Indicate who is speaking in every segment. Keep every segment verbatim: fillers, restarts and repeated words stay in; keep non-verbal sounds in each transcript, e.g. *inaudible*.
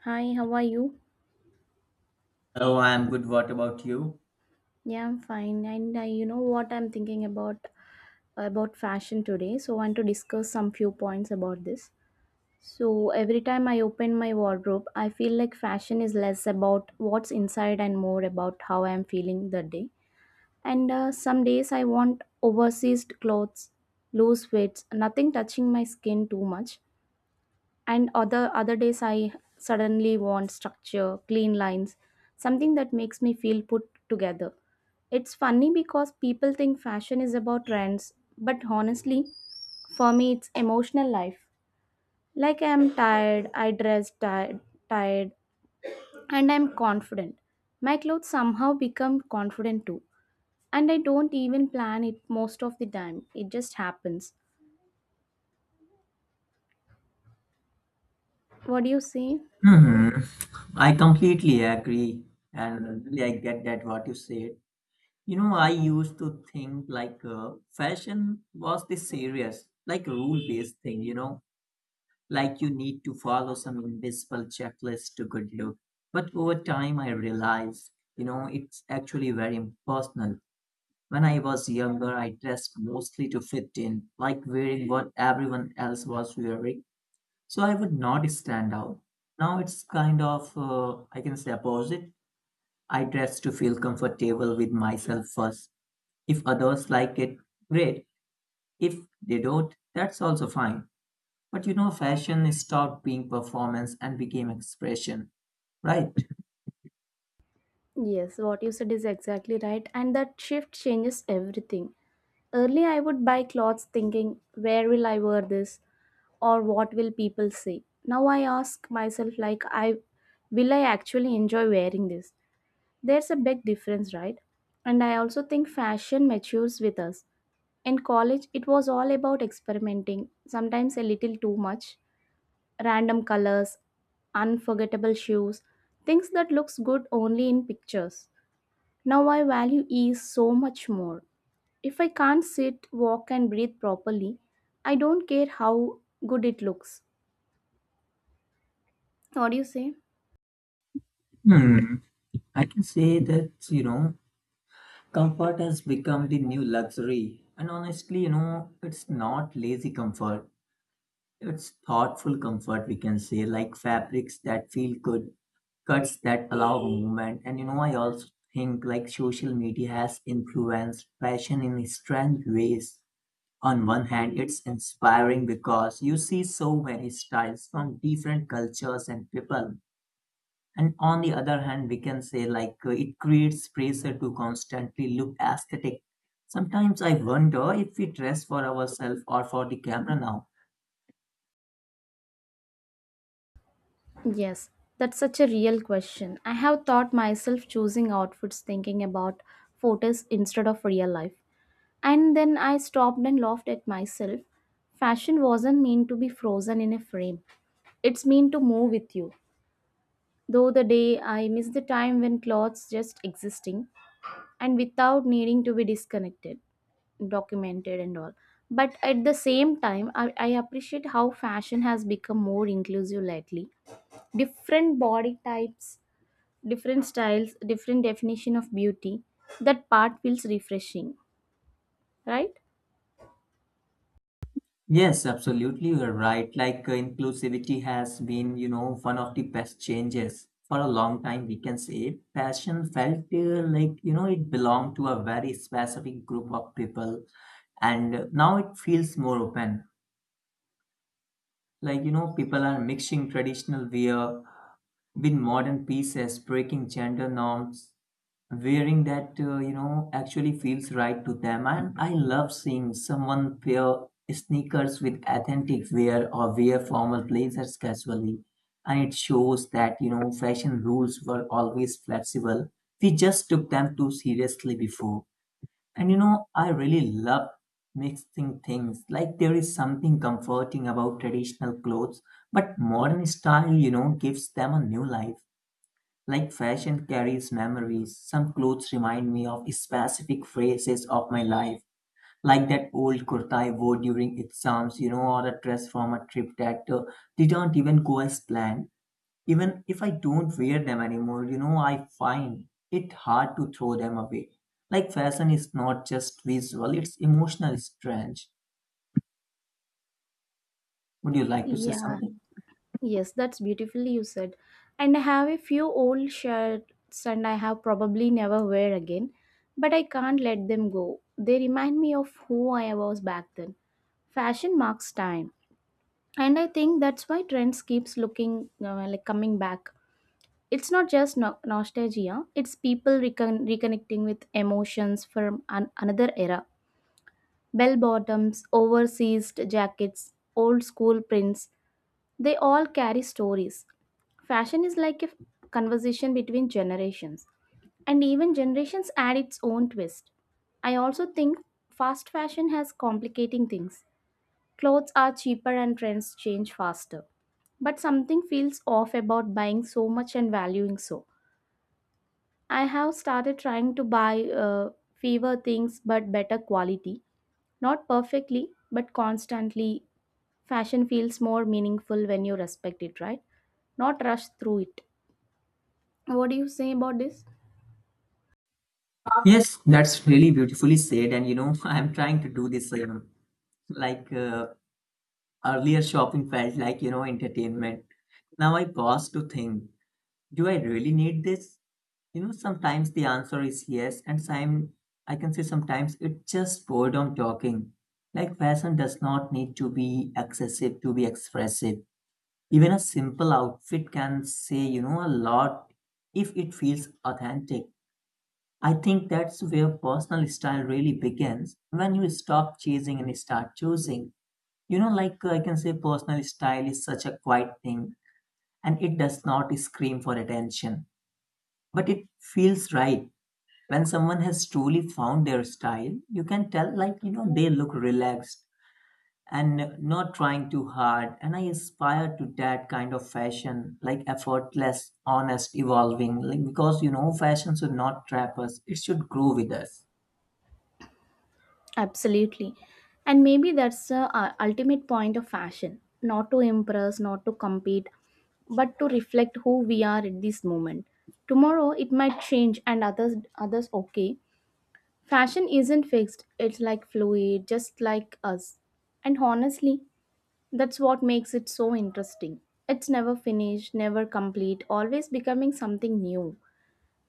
Speaker 1: Hi, how are you?
Speaker 2: Oh, I'm good. What about you?
Speaker 1: Yeah, I'm fine. And uh, you know what I'm thinking about about fashion today. So I want to discuss some few points about this. So every time I open my wardrobe, I feel like fashion is less about what's inside and more about how I'm feeling that day. And uh, some days I want oversized clothes, loose fits, nothing touching my skin too much. And other other days I suddenly want structure, clean lines, something that makes me feel put together. It's funny because people think fashion is about trends, but honestly for me it's emotional life. Like I'm tired, I dress tired tired and I'm confident, my clothes somehow become confident too. And I don't even plan it most of the time, it just happens. What do you say?
Speaker 2: Hmm. I completely agree, and really I get that what you said. You know, I used to think like uh, fashion was this serious, like rule-based thing. You know, like you need to follow some invisible checklist to good look. But over time, I realized, you know, it's actually very impersonal. When I was younger, I dressed mostly to fit in, like wearing what everyone else was wearing, so I would not stand out. Now it's kind of, uh, I can say, opposite. I dress to feel comfortable with myself first. If others like it, great. If they don't, that's also fine. But you know, fashion stopped being performance and became expression, right?
Speaker 1: Yes, what you said is exactly right, and that shift changes everything. Early, I would buy clothes thinking, where will I wear this or what will people say? Now I ask myself, like, I will I actually enjoy wearing this? There's a big difference, right? And I also think fashion matures with us. In college, it was all about experimenting, sometimes a little too much, random colors, unforgettable shoes, things that looks good only in pictures. Now I value ease so much more. If I can't sit, walk, and breathe properly, I don't care how good it looks. What do you say?
Speaker 2: Hmm. I can say that, you know, comfort has become the new luxury. And honestly, you know, it's not lazy comfort. It's thoughtful comfort, we can say, like fabrics that feel good, cuts that allow movement. And you know, I also think like social media has influenced fashion in strange ways. On one hand, it's inspiring because you see so many styles from different cultures and people. And on the other hand, we can say like uh, it creates pressure to constantly look aesthetic. Sometimes I wonder if we dress for ourselves or for the camera now.
Speaker 1: Yes, that's such a real question. I have taught myself choosing outfits thinking about photos instead of real life. And then I stopped and laughed at myself. Fashion wasn't meant to be frozen in a frame, it's meant to move with you. Though the day I miss the time when clothes just existing and without needing to be disconnected, documented and all. But at the same time I, I appreciate how fashion has become more inclusive lately, different body types, different styles, different definition of beauty. That part feels refreshing, right?
Speaker 2: Yes, absolutely. You're right. Like uh, inclusivity has been, you know, one of the best changes for a long time, we can say. Fashion felt uh, like, you know, it belonged to a very specific group of people. And uh, now it feels more open. Like, you know, people are mixing traditional wear with modern pieces, breaking gender norms, wearing that uh, you know actually feels right to them. And I love seeing someone pair sneakers with authentic wear or wear formal blazers casually. And it shows that, you know, fashion rules were always flexible. We just took them too seriously before. And you know, I really love mixing things. Like there is something comforting about traditional clothes, but modern style, you know, gives them a new life. Like fashion carries memories, some clothes remind me of specific phases of my life, like that old kurta I wore during exams, you know, or a dress from a trip that uh, didn't even go as planned. Even if I don't wear them anymore, you know, I find it hard to throw them away. Like fashion is not just visual, it's emotional strange. Would you like to say
Speaker 1: Yeah,
Speaker 2: something?
Speaker 1: yes, that's beautifully you said. And I have a few old shirts and I have probably never wear again, but I can't let them go, they remind me of who I was back then. Fashion marks time, and I think that's why trends keeps looking, uh, like, coming back. It's not just no- nostalgia, it's people recon- reconnecting with emotions from an- another era. Bell bottoms, oversized jackets, old school prints, they all carry stories. Fashion is like a f- conversation between generations, and even generations add its own twist. I also think fast fashion has complicating things. Clothes are cheaper and trends change faster. But something feels off about buying so much and valuing so. I have started trying to buy uh, fewer things but better quality. Not perfectly, but constantly. Fashion feels more meaningful when you respect it, right? Not rush through it. What do you say about this?
Speaker 2: Yes, that's really beautifully said, and you know, *laughs* I'm trying to do the same. Like, uh, earlier, shopping felt like, you know, entertainment. Now I pause to think, do I really need this? You know, sometimes the answer is yes, and some, I can say sometimes it's just boredom talking. Like fashion does not need to be excessive to be expressive. Even a simple outfit can say, you know, a lot if it feels authentic. I think that's where personal style really begins, when you stop chasing and start choosing. You know, like uh, I can say personal style is such a quiet thing, and it does not scream for attention, but it feels right. When someone has truly found their style, you can tell, like, you know, they look relaxed and not trying too hard. And I aspire to that kind of fashion, like effortless, honest, evolving. Like, because you know, fashion should not trap us, it should grow with us.
Speaker 1: Absolutely. And maybe that's the uh, ultimate point of fashion, not to impress, not to compete, but to reflect who we are at this moment. Tomorrow it might change and others others okay. Fashion isn't fixed, it's like fluid, just like us. And honestly, that's what makes it so interesting. It's never finished, never complete, always becoming something new.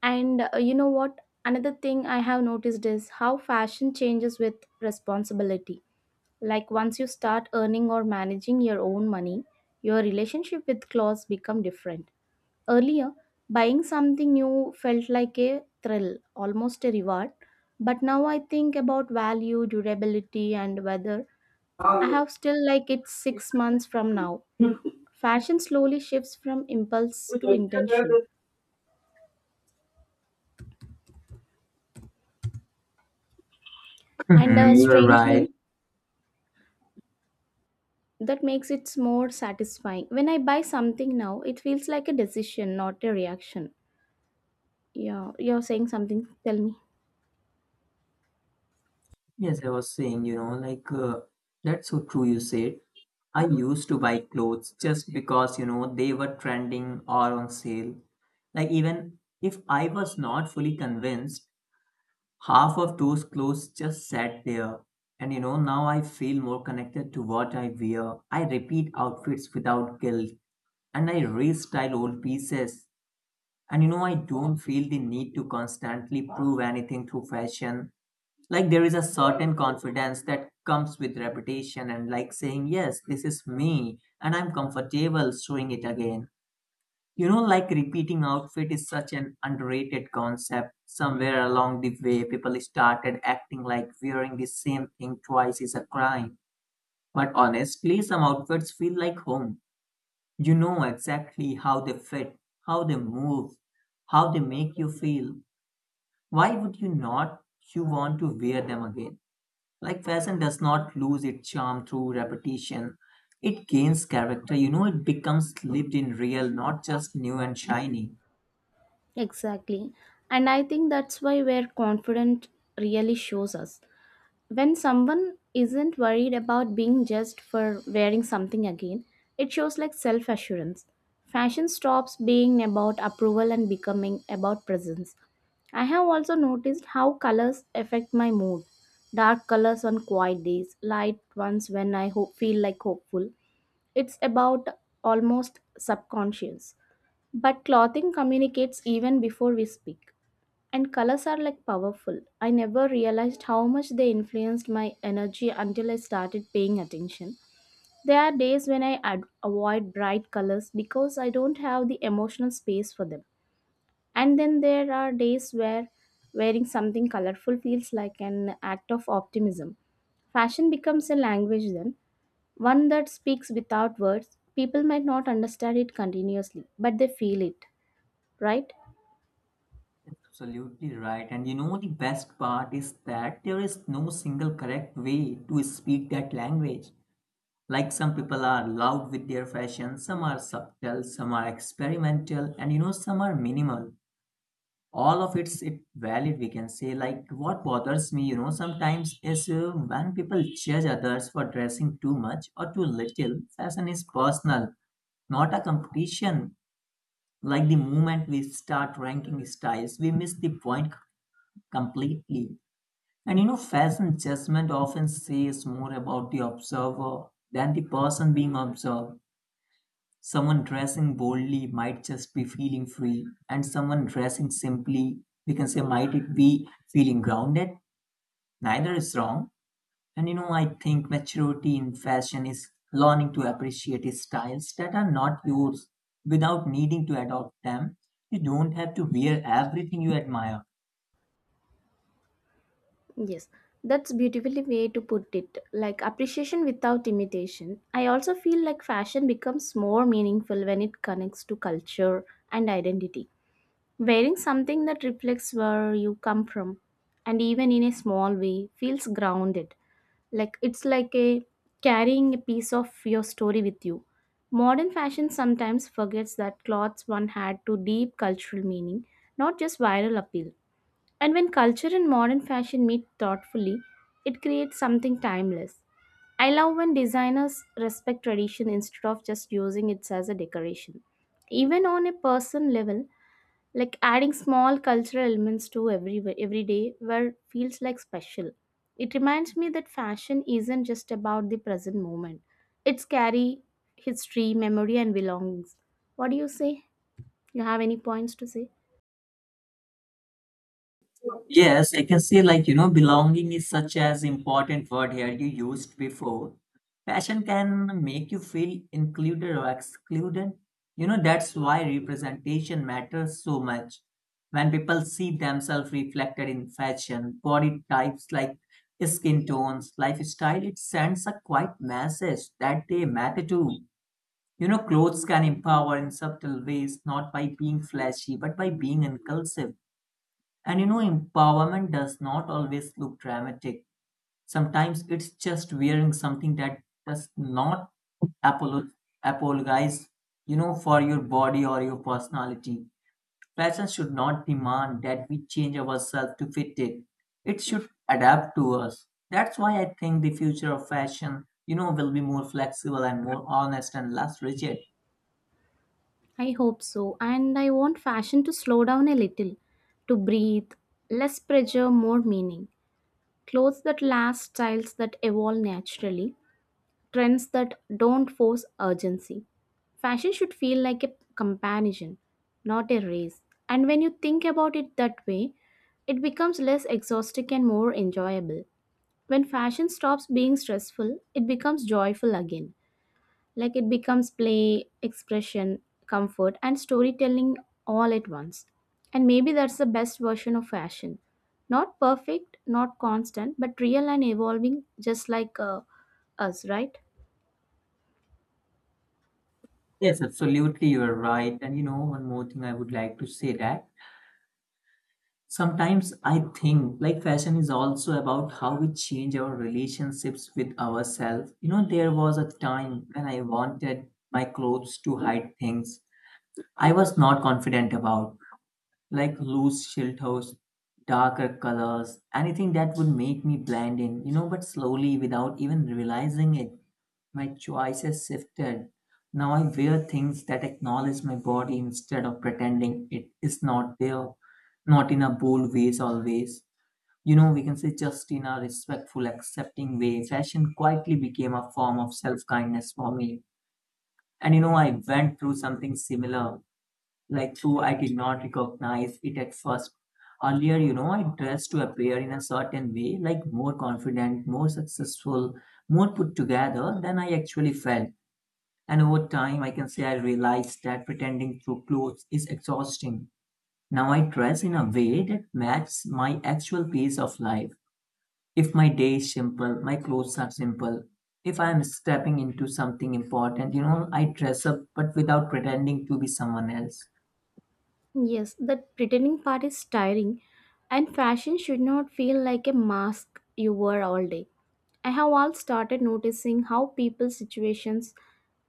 Speaker 1: And uh, you know what? Another thing I have noticed is how fashion changes with responsibility. Like once you start earning or managing your own money, your relationship with clothes become different. Earlier, buying something new felt like a thrill, almost a reward. But now I think about value, durability, and whether I have
Speaker 2: *laughs*
Speaker 1: still like it six months from now. Fashion slowly shifts from impulse to intention. And
Speaker 2: Mhm,
Speaker 1: uh,
Speaker 2: you are right.
Speaker 1: strangely, that makes it more satisfying. When I buy something now it feels like a decision, not a reaction. Yeah, you're saying something, tell me.
Speaker 2: Yes, I was saying, you know, like uh, that's so true you said. I used to buy clothes just because, you know, they were trending or on sale. Like even if I was not fully convinced, half of those clothes just sat there. And you know, now I feel more connected to what I wear. I repeat outfits without guilt and I restyle old pieces. And you know, I don't feel the need to constantly prove anything through fashion. Like there is a certain confidence that comes with reputation, and like saying yes, this is me and I'm comfortable showing it again. You know, like repeating outfit is such an underrated concept. Somewhere along the way people started acting like wearing the same thing twice is a crime, but honestly some outfits feel like home. You know exactly how they fit, how they move, how they make you feel. Why would you not, you want to wear them again. Like fashion does not lose its charm through repetition. It gains character. You know, it becomes lived in real, not just new and shiny.
Speaker 1: Exactly. And I think that's why where confident really shows us. When someone isn't worried about being judged for wearing something again, it shows like self assurance. Fashion stops being about approval and becoming about presence. I have also noticed how colors affect my mood. Dark colors on quiet days, light ones when I hope, feel like hopeful. It's about almost subconscious. But clothing communicates even before we speak. And colors are like powerful. I never realized how much they influenced my energy until I started paying attention. There are days when I ad- avoid bright colors because I don't have the emotional space for them. And then there are days where wearing something colorful feels like an act of optimism. Fashion becomes a language then, one that speaks without words. People might not understand it continuously, but they feel it, right?
Speaker 2: Absolutely right. And you know, the best part is that there is no single correct way to speak that language. Like some people are loud with their fashion, some are subtle, some are experimental, and you know, some are minimal. All of it's it valid, we can say. Like what bothers me, you know, sometimes is uh, when people judge others for dressing too much or too little. Fashion is personal, not a competition. Like the moment we start ranking styles we miss the point c- completely. And you know, fashion judgment often says more about the observer than the person being observed. Someone dressing boldly might just be feeling free, and someone dressing simply, we can say, might it be feeling grounded? Neither is wrong. And you know, I think maturity in fashion is learning to appreciate styles that are not yours without needing to adopt them. You don't have to wear everything you admire.
Speaker 1: Yes, that's beautifully way to put it. Like appreciation without imitation. I also feel like fashion becomes more meaningful when it connects to culture and identity. Wearing something that reflects where you come from and even in a small way feels grounded. Like it's like a carrying a piece of your story with you. Modern fashion sometimes forgets that clothes one had to deep cultural meaning, not just viral appeal. And when culture and modern fashion meet thoughtfully, it creates something timeless. I love when designers respect tradition instead of just using it as a decoration. Even on a person level, like adding small cultural elements to every every day where feels like special. It reminds me that fashion isn't just about the present moment. It's carry history, memory and belongings. What do you say? You have any points to say?
Speaker 2: Yes, I can say, like, you know, belonging is such as important word here you used before. Passion can make you feel included or excluded. You know, that's why representation matters so much. When people see themselves reflected in fashion, body types like skin tones, lifestyle, it sends a quiet message that they matter too. You know, clothes can empower in subtle ways, not by being flashy, but by being inclusive. And you know, empowerment does not always look dramatic. Sometimes it's just wearing something that does not apolo- apologize, you know, for your body or your personality. Fashion should not demand that we change ourselves to fit it. It should adapt to us. That's why I think the future of fashion, you know, will be more flexible and more honest and less rigid.
Speaker 1: I hope so. And I want fashion to slow down a little, to breathe, less pressure, more meaning. Clothes that last, styles that evolve naturally, trends that don't force urgency. Fashion should feel like a comparison, not a race. And when you think about it that way, it becomes less exhausting and more enjoyable. When fashion stops being stressful, it becomes joyful again. Like it becomes play, expression, comfort, and storytelling all at once. And maybe that's the best version of fashion. Not perfect, not constant, but real and evolving, just like uh, us, right?
Speaker 2: Yes, absolutely, you are right. And you know, one more thing I would like to say that sometimes I think like fashion is also about how we change our relationships with ourselves. You know, there was a time when I wanted my clothes to hide things I was not confident about, like loose shelters, darker colors, anything that would make me blend in. You know, but slowly, without even realizing it, my choices shifted. Now I wear things that acknowledge my body instead of pretending it is not there, not in a bold ways always. You know, we can say just in a respectful, accepting way, fashion quietly became a form of self kindness for me. And you know, I went through something similar, like though I did not recognize it at first. Earlier, you know, I dressed to appear in a certain way, like more confident, more successful, more put together than I actually felt. And over time, I can say I realized that pretending through clothes is exhausting. Now I dress in a way that matches my actual pace of life. If my day is simple, my clothes are simple. If I am stepping into something important, you know, I dress up but without pretending to be someone else.
Speaker 1: Yes, that pretending part is tiring, and fashion should not feel like a mask you wear all day. I have all started noticing how people's situations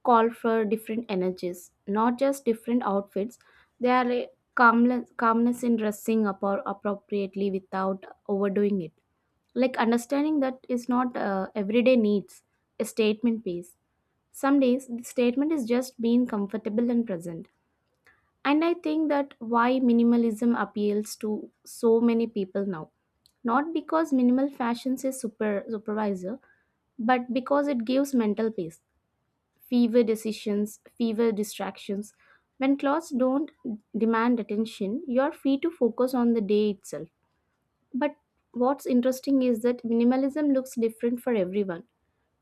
Speaker 1: call for different energies, not just different outfits. There are a calmness, calmness in dressing up or appropriately without overdoing it. Like understanding that is not uh, everyday needs, a statement piece. Some days the statement is just being comfortable and present. And I think that why minimalism appeals to so many people now. Not because minimal fashion is super supervisor, but because it gives mental peace. Fewer decisions, fewer distractions. When clothes don't demand attention, you're free to focus on the day itself. But what's interesting is that minimalism looks different for everyone.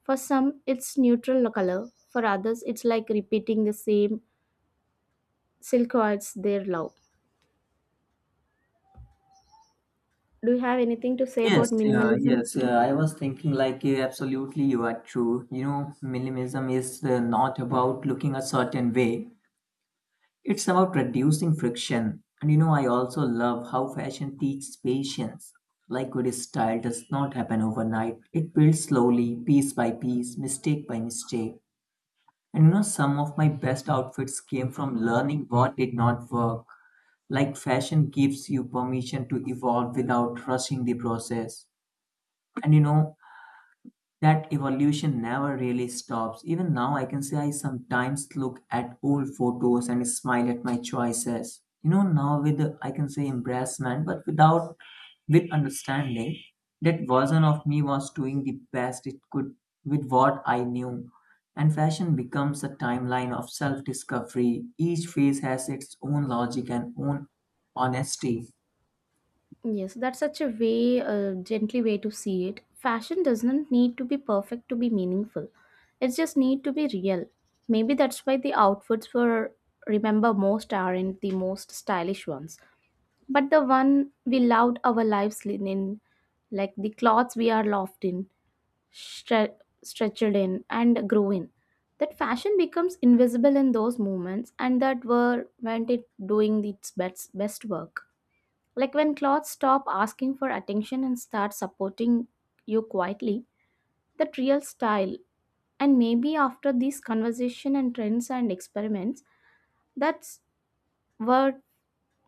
Speaker 1: For some, it's neutral color. For others, it's like repeating the same silhouettes they love. Do you have anything to say
Speaker 2: Yes,
Speaker 1: about
Speaker 2: uh,
Speaker 1: minimalism?
Speaker 2: yes. Uh, I was thinking like uh, absolutely you are true. You know, minimalism is uh, not about looking a certain way. It's about reducing friction. And you know, I also love how fashion teaches patience. Like good style does not happen overnight. It builds slowly, piece by piece, mistake by mistake. And you know, some of my best outfits came from learning what did not work. Like fashion gives you permission to evolve without rushing the process. And you know, that evolution never really stops. Even now, I can say I sometimes look at old photos and smile at my choices. You know, now with the, I can say embarrassment, but without, with understanding that version of me was doing the best it could with what I knew. And fashion becomes a timeline of self discovery. Each phase has its own logic and own honesty.
Speaker 1: Yes, that's such a way, uh, gently way to see it. Fashion doesn't need to be perfect to be meaningful. It just need to be real. Maybe that's why the outfits were remember most aren't the most stylish ones, but the one we loved our lives in, in, like the clothes we are loved in, stre- stretched in and grew in. That fashion becomes invisible in those moments, and that were when it doing its best, best work. Like when clothes stop asking for attention and start supporting you quietly, that real style. And maybe after these conversation and trends and experiments, that's what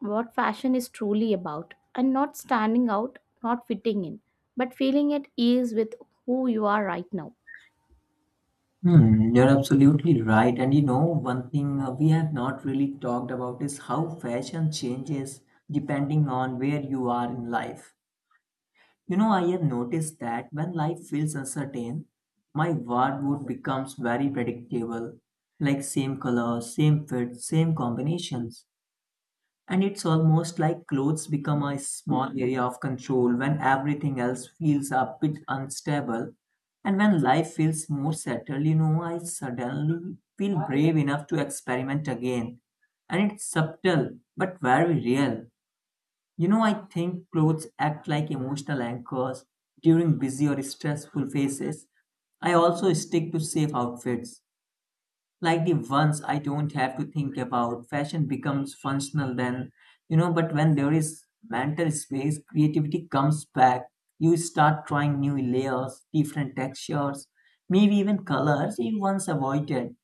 Speaker 1: what fashion is truly about. And not standing out, not fitting in, but feeling at ease with who you are right now.
Speaker 2: Hmm, you're absolutely right. And you know, one thing uh, we have not really talked about is how fashion changes depending on where you are in life. You know, I have noticed that when life feels uncertain, my wardrobe becomes very predictable, like same colors, same fits, same combinations. And it's almost like clothes become a small area of control when everything else feels a bit unstable. And when life feels more settled, you know, I suddenly feel brave enough to experiment again. And it's subtle, but very real. You know, I think clothes act like emotional anchors during busy or stressful phases. I also stick to safe outfits like the ones I don't have to think about. Fashion becomes functional then, you know, but when there is mental space, creativity comes back. You start trying new layers, different textures, maybe even colors you once avoided.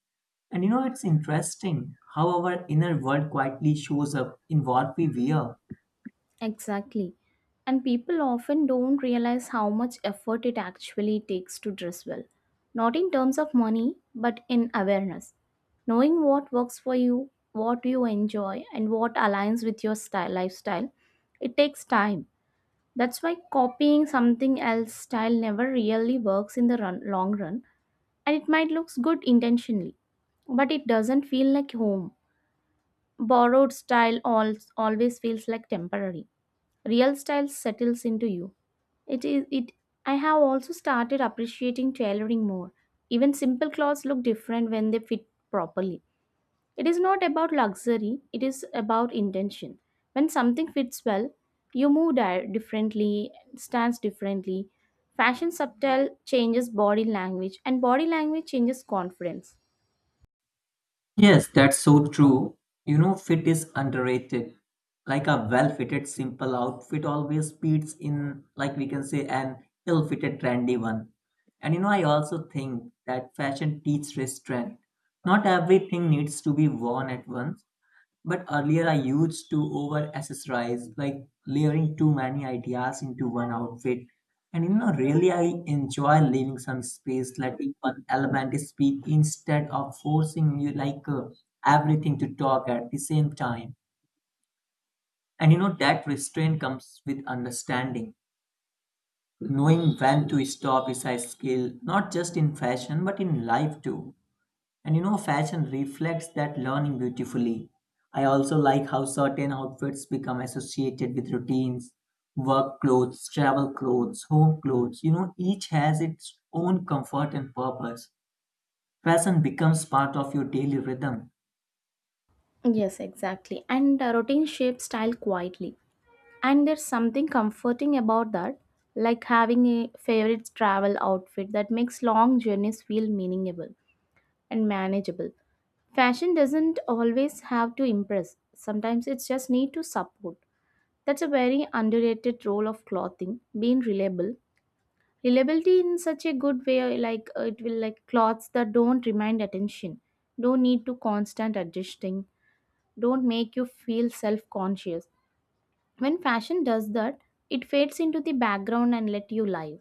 Speaker 2: And you know, it's interesting how our inner world quietly shows up in what we wear.
Speaker 1: Exactly. And people often don't realize how much effort it actually takes to dress well. Not in terms of money, but in awareness. Knowing what works for you, what you enjoy, and what aligns with your style lifestyle, it takes time. That's why copying something else style never really works in the run, long run, and it might looks good intentionally, but it doesn't feel like home. Borrowed style al- always feels like temporary. Real style settles into you. It is it I have also started appreciating tailoring more. Even simple clothes look different when they fit properly. It is not about luxury, it is about intention. When something fits well, you move di- differently, stands differently. Fashion subtle changes body language, and body language changes confidence.
Speaker 2: Yes, that's so true. You know, fit is underrated. Like a well-fitted simple outfit always beats, in like we can say, an ill-fitted trendy one. And you know, I also think that fashion teaches restraint. Not everything needs to be worn at once, but earlier I used to over accessorize, like layering too many ideas into one outfit. And you know, really I enjoy leaving some space, letting one element speak instead of forcing, you like uh, everything to talk at the same time. And you know, that restraint comes with understanding. Knowing when to stop is a skill, not just in fashion, but in life too. And you know, fashion reflects that learning beautifully. I also like how certain outfits become associated with routines, work clothes, travel clothes, home clothes. You know, each has its own comfort and purpose. Fashion becomes part of your daily rhythm.
Speaker 1: Yes, exactly. And uh, routine shapes style quietly. And there's something comforting about that, like having a favorite travel outfit that makes long journeys feel meaningful and manageable. Fashion doesn't always have to impress, sometimes it's just need to support. That's a very underrated role of clothing, being reliable. Reliability in such a good way, like uh, it will like clothes that don't remind attention, don't need to constant adjusting, don't make you feel self conscious. When fashion does that, it fades into the background and let you live.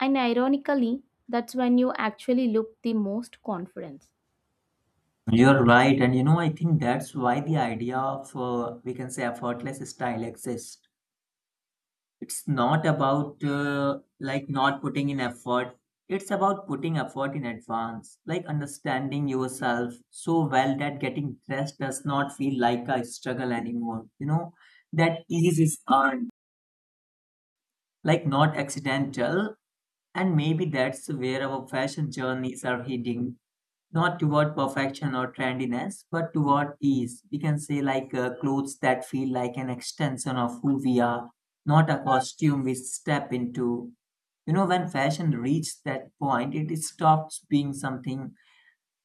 Speaker 1: And ironically, that's when you actually look the most confidence.
Speaker 2: You're right, and you know, I think that's why the idea of uh, we can say effortless style exists. It's not about uh, like not putting in effort. It's about putting effort in advance, like understanding yourself so well that getting dressed does not feel like a struggle anymore. You know, that ease is earned, like not accidental. And maybe that's where our fashion journeys are heading, not toward perfection or trendiness, but toward ease. We can say, like uh, clothes that feel like an extension of who we are, not a costume we step into. You know, when fashion reached that point, it stops being something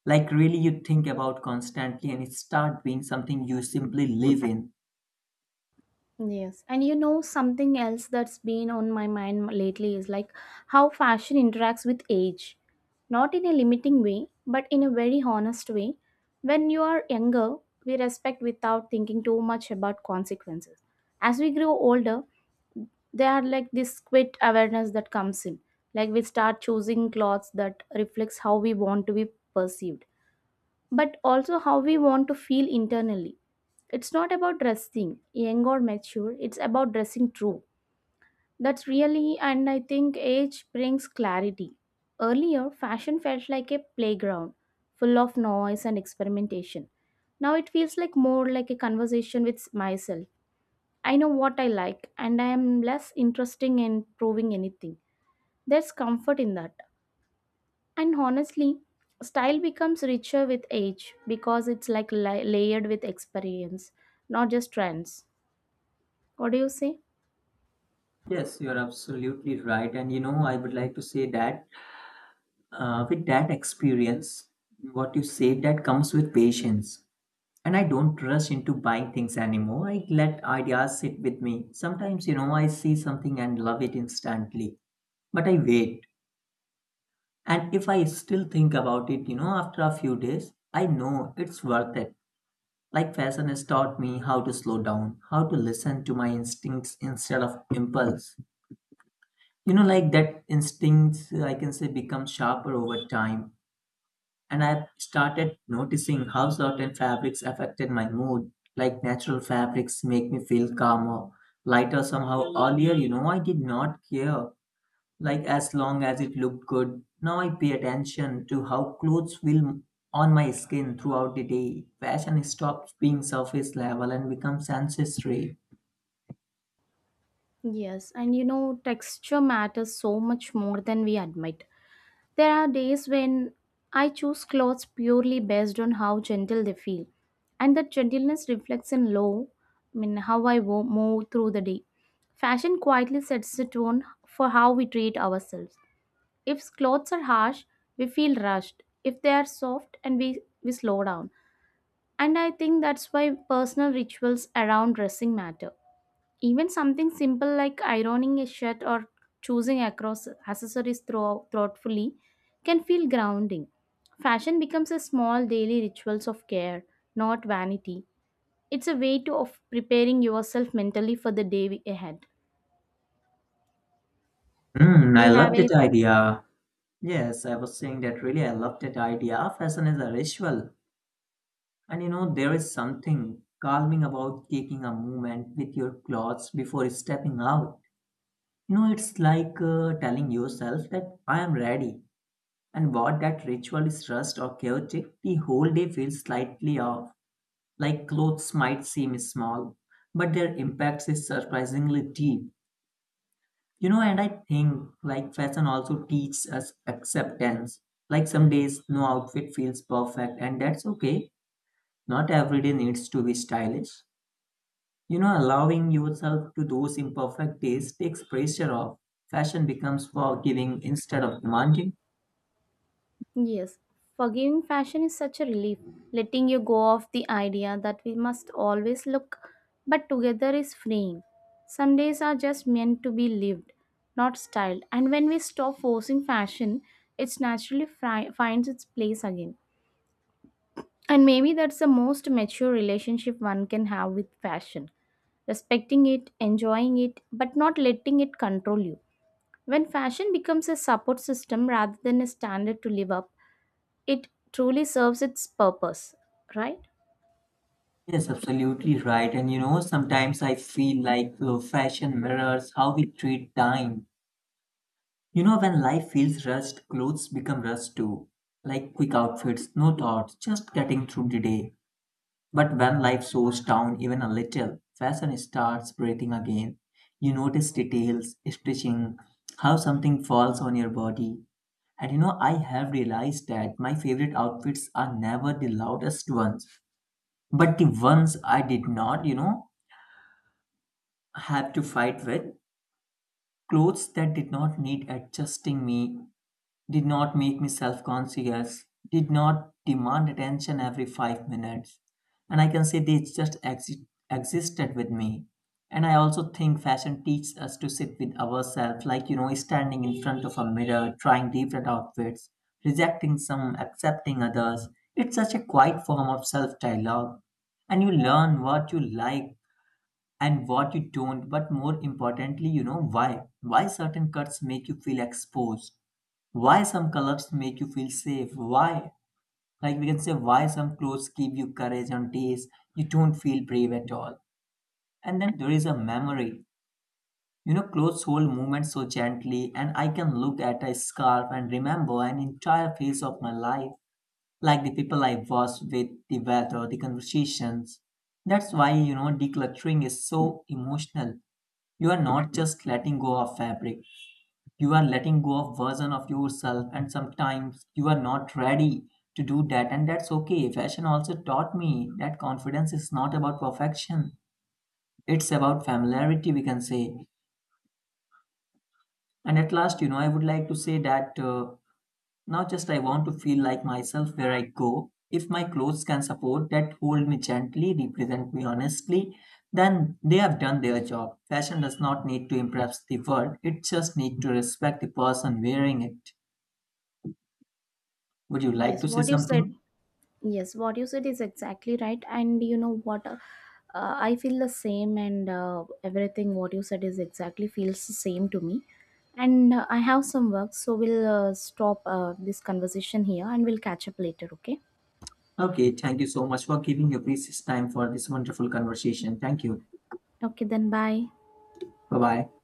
Speaker 2: like really you think about constantly, and it starts being something you simply live in.
Speaker 1: Yes. And you know, something else that's been on my mind lately is like how fashion interacts with age. Not in a limiting way, but in a very honest way. When you are younger, we respect without thinking too much about consequences. As we grow older, they are like this quit awareness that comes in. Like we start choosing clothes that reflects how we want to be perceived, but also how we want to feel internally. It's not about dressing young or mature, it's about dressing true. That's really. And I think age brings clarity. Earlier fashion felt like a playground, full of noise and experimentation. Now it feels like more like a conversation with myself. I know what I like and I am less interesting in proving anything. There's comfort in that. And honestly, style becomes richer with age because it's like la- layered with experience, not just trends. What do you say?
Speaker 2: Yes, you're absolutely right. And you know, I would like to say that, uh, with that experience, what you say, that comes with patience. And I don't rush into buying things anymore. I let ideas sit with me. Sometimes, you know, I see something and love it instantly, but I wait. And if I still think about it, you know, after a few days, I know it's worth it. Like fashion has taught me how to slow down, how to listen to my instincts instead of impulse. You know, like that instincts, I can say, become sharper over time. And I've started noticing how certain fabrics affected my mood. Like natural fabrics make me feel calmer, lighter somehow. Earlier, you know, I did not care. Like as long as it looked good. Now I pay attention to how clothes feel on my skin throughout the day. Fashion stops being surface level and becomes ancestry.
Speaker 1: Yes, and you know, texture matters so much more than we admit. There are days when I choose clothes purely based on how gentle they feel, and that gentleness reflects in low, I mean how I wo- move through the day. Fashion quietly sets the tone for how we treat ourselves. If clothes are harsh, we feel rushed. If they are soft, and we we slow down. And I think that's why personal rituals around dressing matter, even something simple like ironing a shirt or choosing across accessories through, thoughtfully, can feel grounding. Fashion becomes a small daily rituals of care, not vanity. It's a way to of preparing yourself mentally for the day ahead.
Speaker 2: Hmm,
Speaker 1: Do
Speaker 2: I
Speaker 1: you have
Speaker 2: love that
Speaker 1: anything?
Speaker 2: idea. Yes, I was saying that really I love that idea. Fashion is a ritual. And you know, there is something calming about taking a moment with your clothes before stepping out. You know, it's like uh, telling yourself that I am ready. And what that ritual is rushed or chaotic, the whole day feels slightly off. Like clothes might seem small, but their impact is surprisingly deep. You know, and I think like fashion also teaches us acceptance. Like some days, no outfit feels perfect, and that's okay. Not every day needs to be stylish. You know, allowing yourself to those imperfect days takes pressure off. Fashion becomes forgiving instead of demanding.
Speaker 1: Yes, forgiving fashion is such a relief, letting you go of the idea that we must always look but together is freeing. Some days are just meant to be lived, not styled, and when we stop forcing fashion, it naturally fri- finds its place again. And maybe that's the most mature relationship one can have with fashion, respecting it, enjoying it, but not letting it control you. When fashion becomes a support system rather than a standard to live up, it truly serves its purpose, right?
Speaker 2: Yes, absolutely right. And you know, sometimes I feel like uh, fashion mirrors how we treat time. You know, when life feels rushed, clothes become rushed too. Like quick outfits, no thoughts, just getting through the day. But when life slows down even a little, fashion starts breathing again. You notice details, stitching, how something falls on your body. And you know, I have realized that my favorite outfits are never the loudest ones, but the ones I did not, you know, have to fight with, clothes that did not need adjusting me, did not make me self conscious, did not demand attention every five minutes. And I can say they just exi- existed with me. And I also think fashion teaches us to sit with ourselves, like, you know, standing in front of a mirror, trying different outfits, rejecting some, accepting others. It's such a quiet form of self dialogue. And you learn what you like and what you don't, but more importantly, you know why. Why certain cuts make you feel exposed, why some colors make you feel safe, why, like we can say, why some clothes give you courage on days you don't feel brave at all. And then there is a memory. You know, clothes hold movement so gently, and I can look at a scarf and remember an entire phase of my life, like the people I was with, the weather, the conversations. That's why, you know, decluttering is so emotional. You are not just letting go of fabric, you are letting go of version of yourself, and sometimes you are not ready to do that, and that's okay. Fashion also taught me that confidence is not about perfection. It's about familiarity, we can say. And at last, you know, I would like to say that, uh, now just I want to feel like myself where I go. If my clothes can support that, hold me gently, represent me honestly, then they have done their job. Fashion does not need to impress the world, it just needs to respect the person wearing it. Would you like
Speaker 1: Yes,
Speaker 2: to say
Speaker 1: what you
Speaker 2: something?
Speaker 1: said, yes, what you said is exactly right. And you know what? Uh, uh, I feel the same, and uh, everything what you said is exactly feels the same to me. And uh, I have some work, so we'll uh, stop uh, this conversation here and we'll catch up later, okay?
Speaker 2: Okay, thank you so much for giving your precious time for this wonderful conversation. Thank you.
Speaker 1: Okay, then bye.
Speaker 2: Bye bye.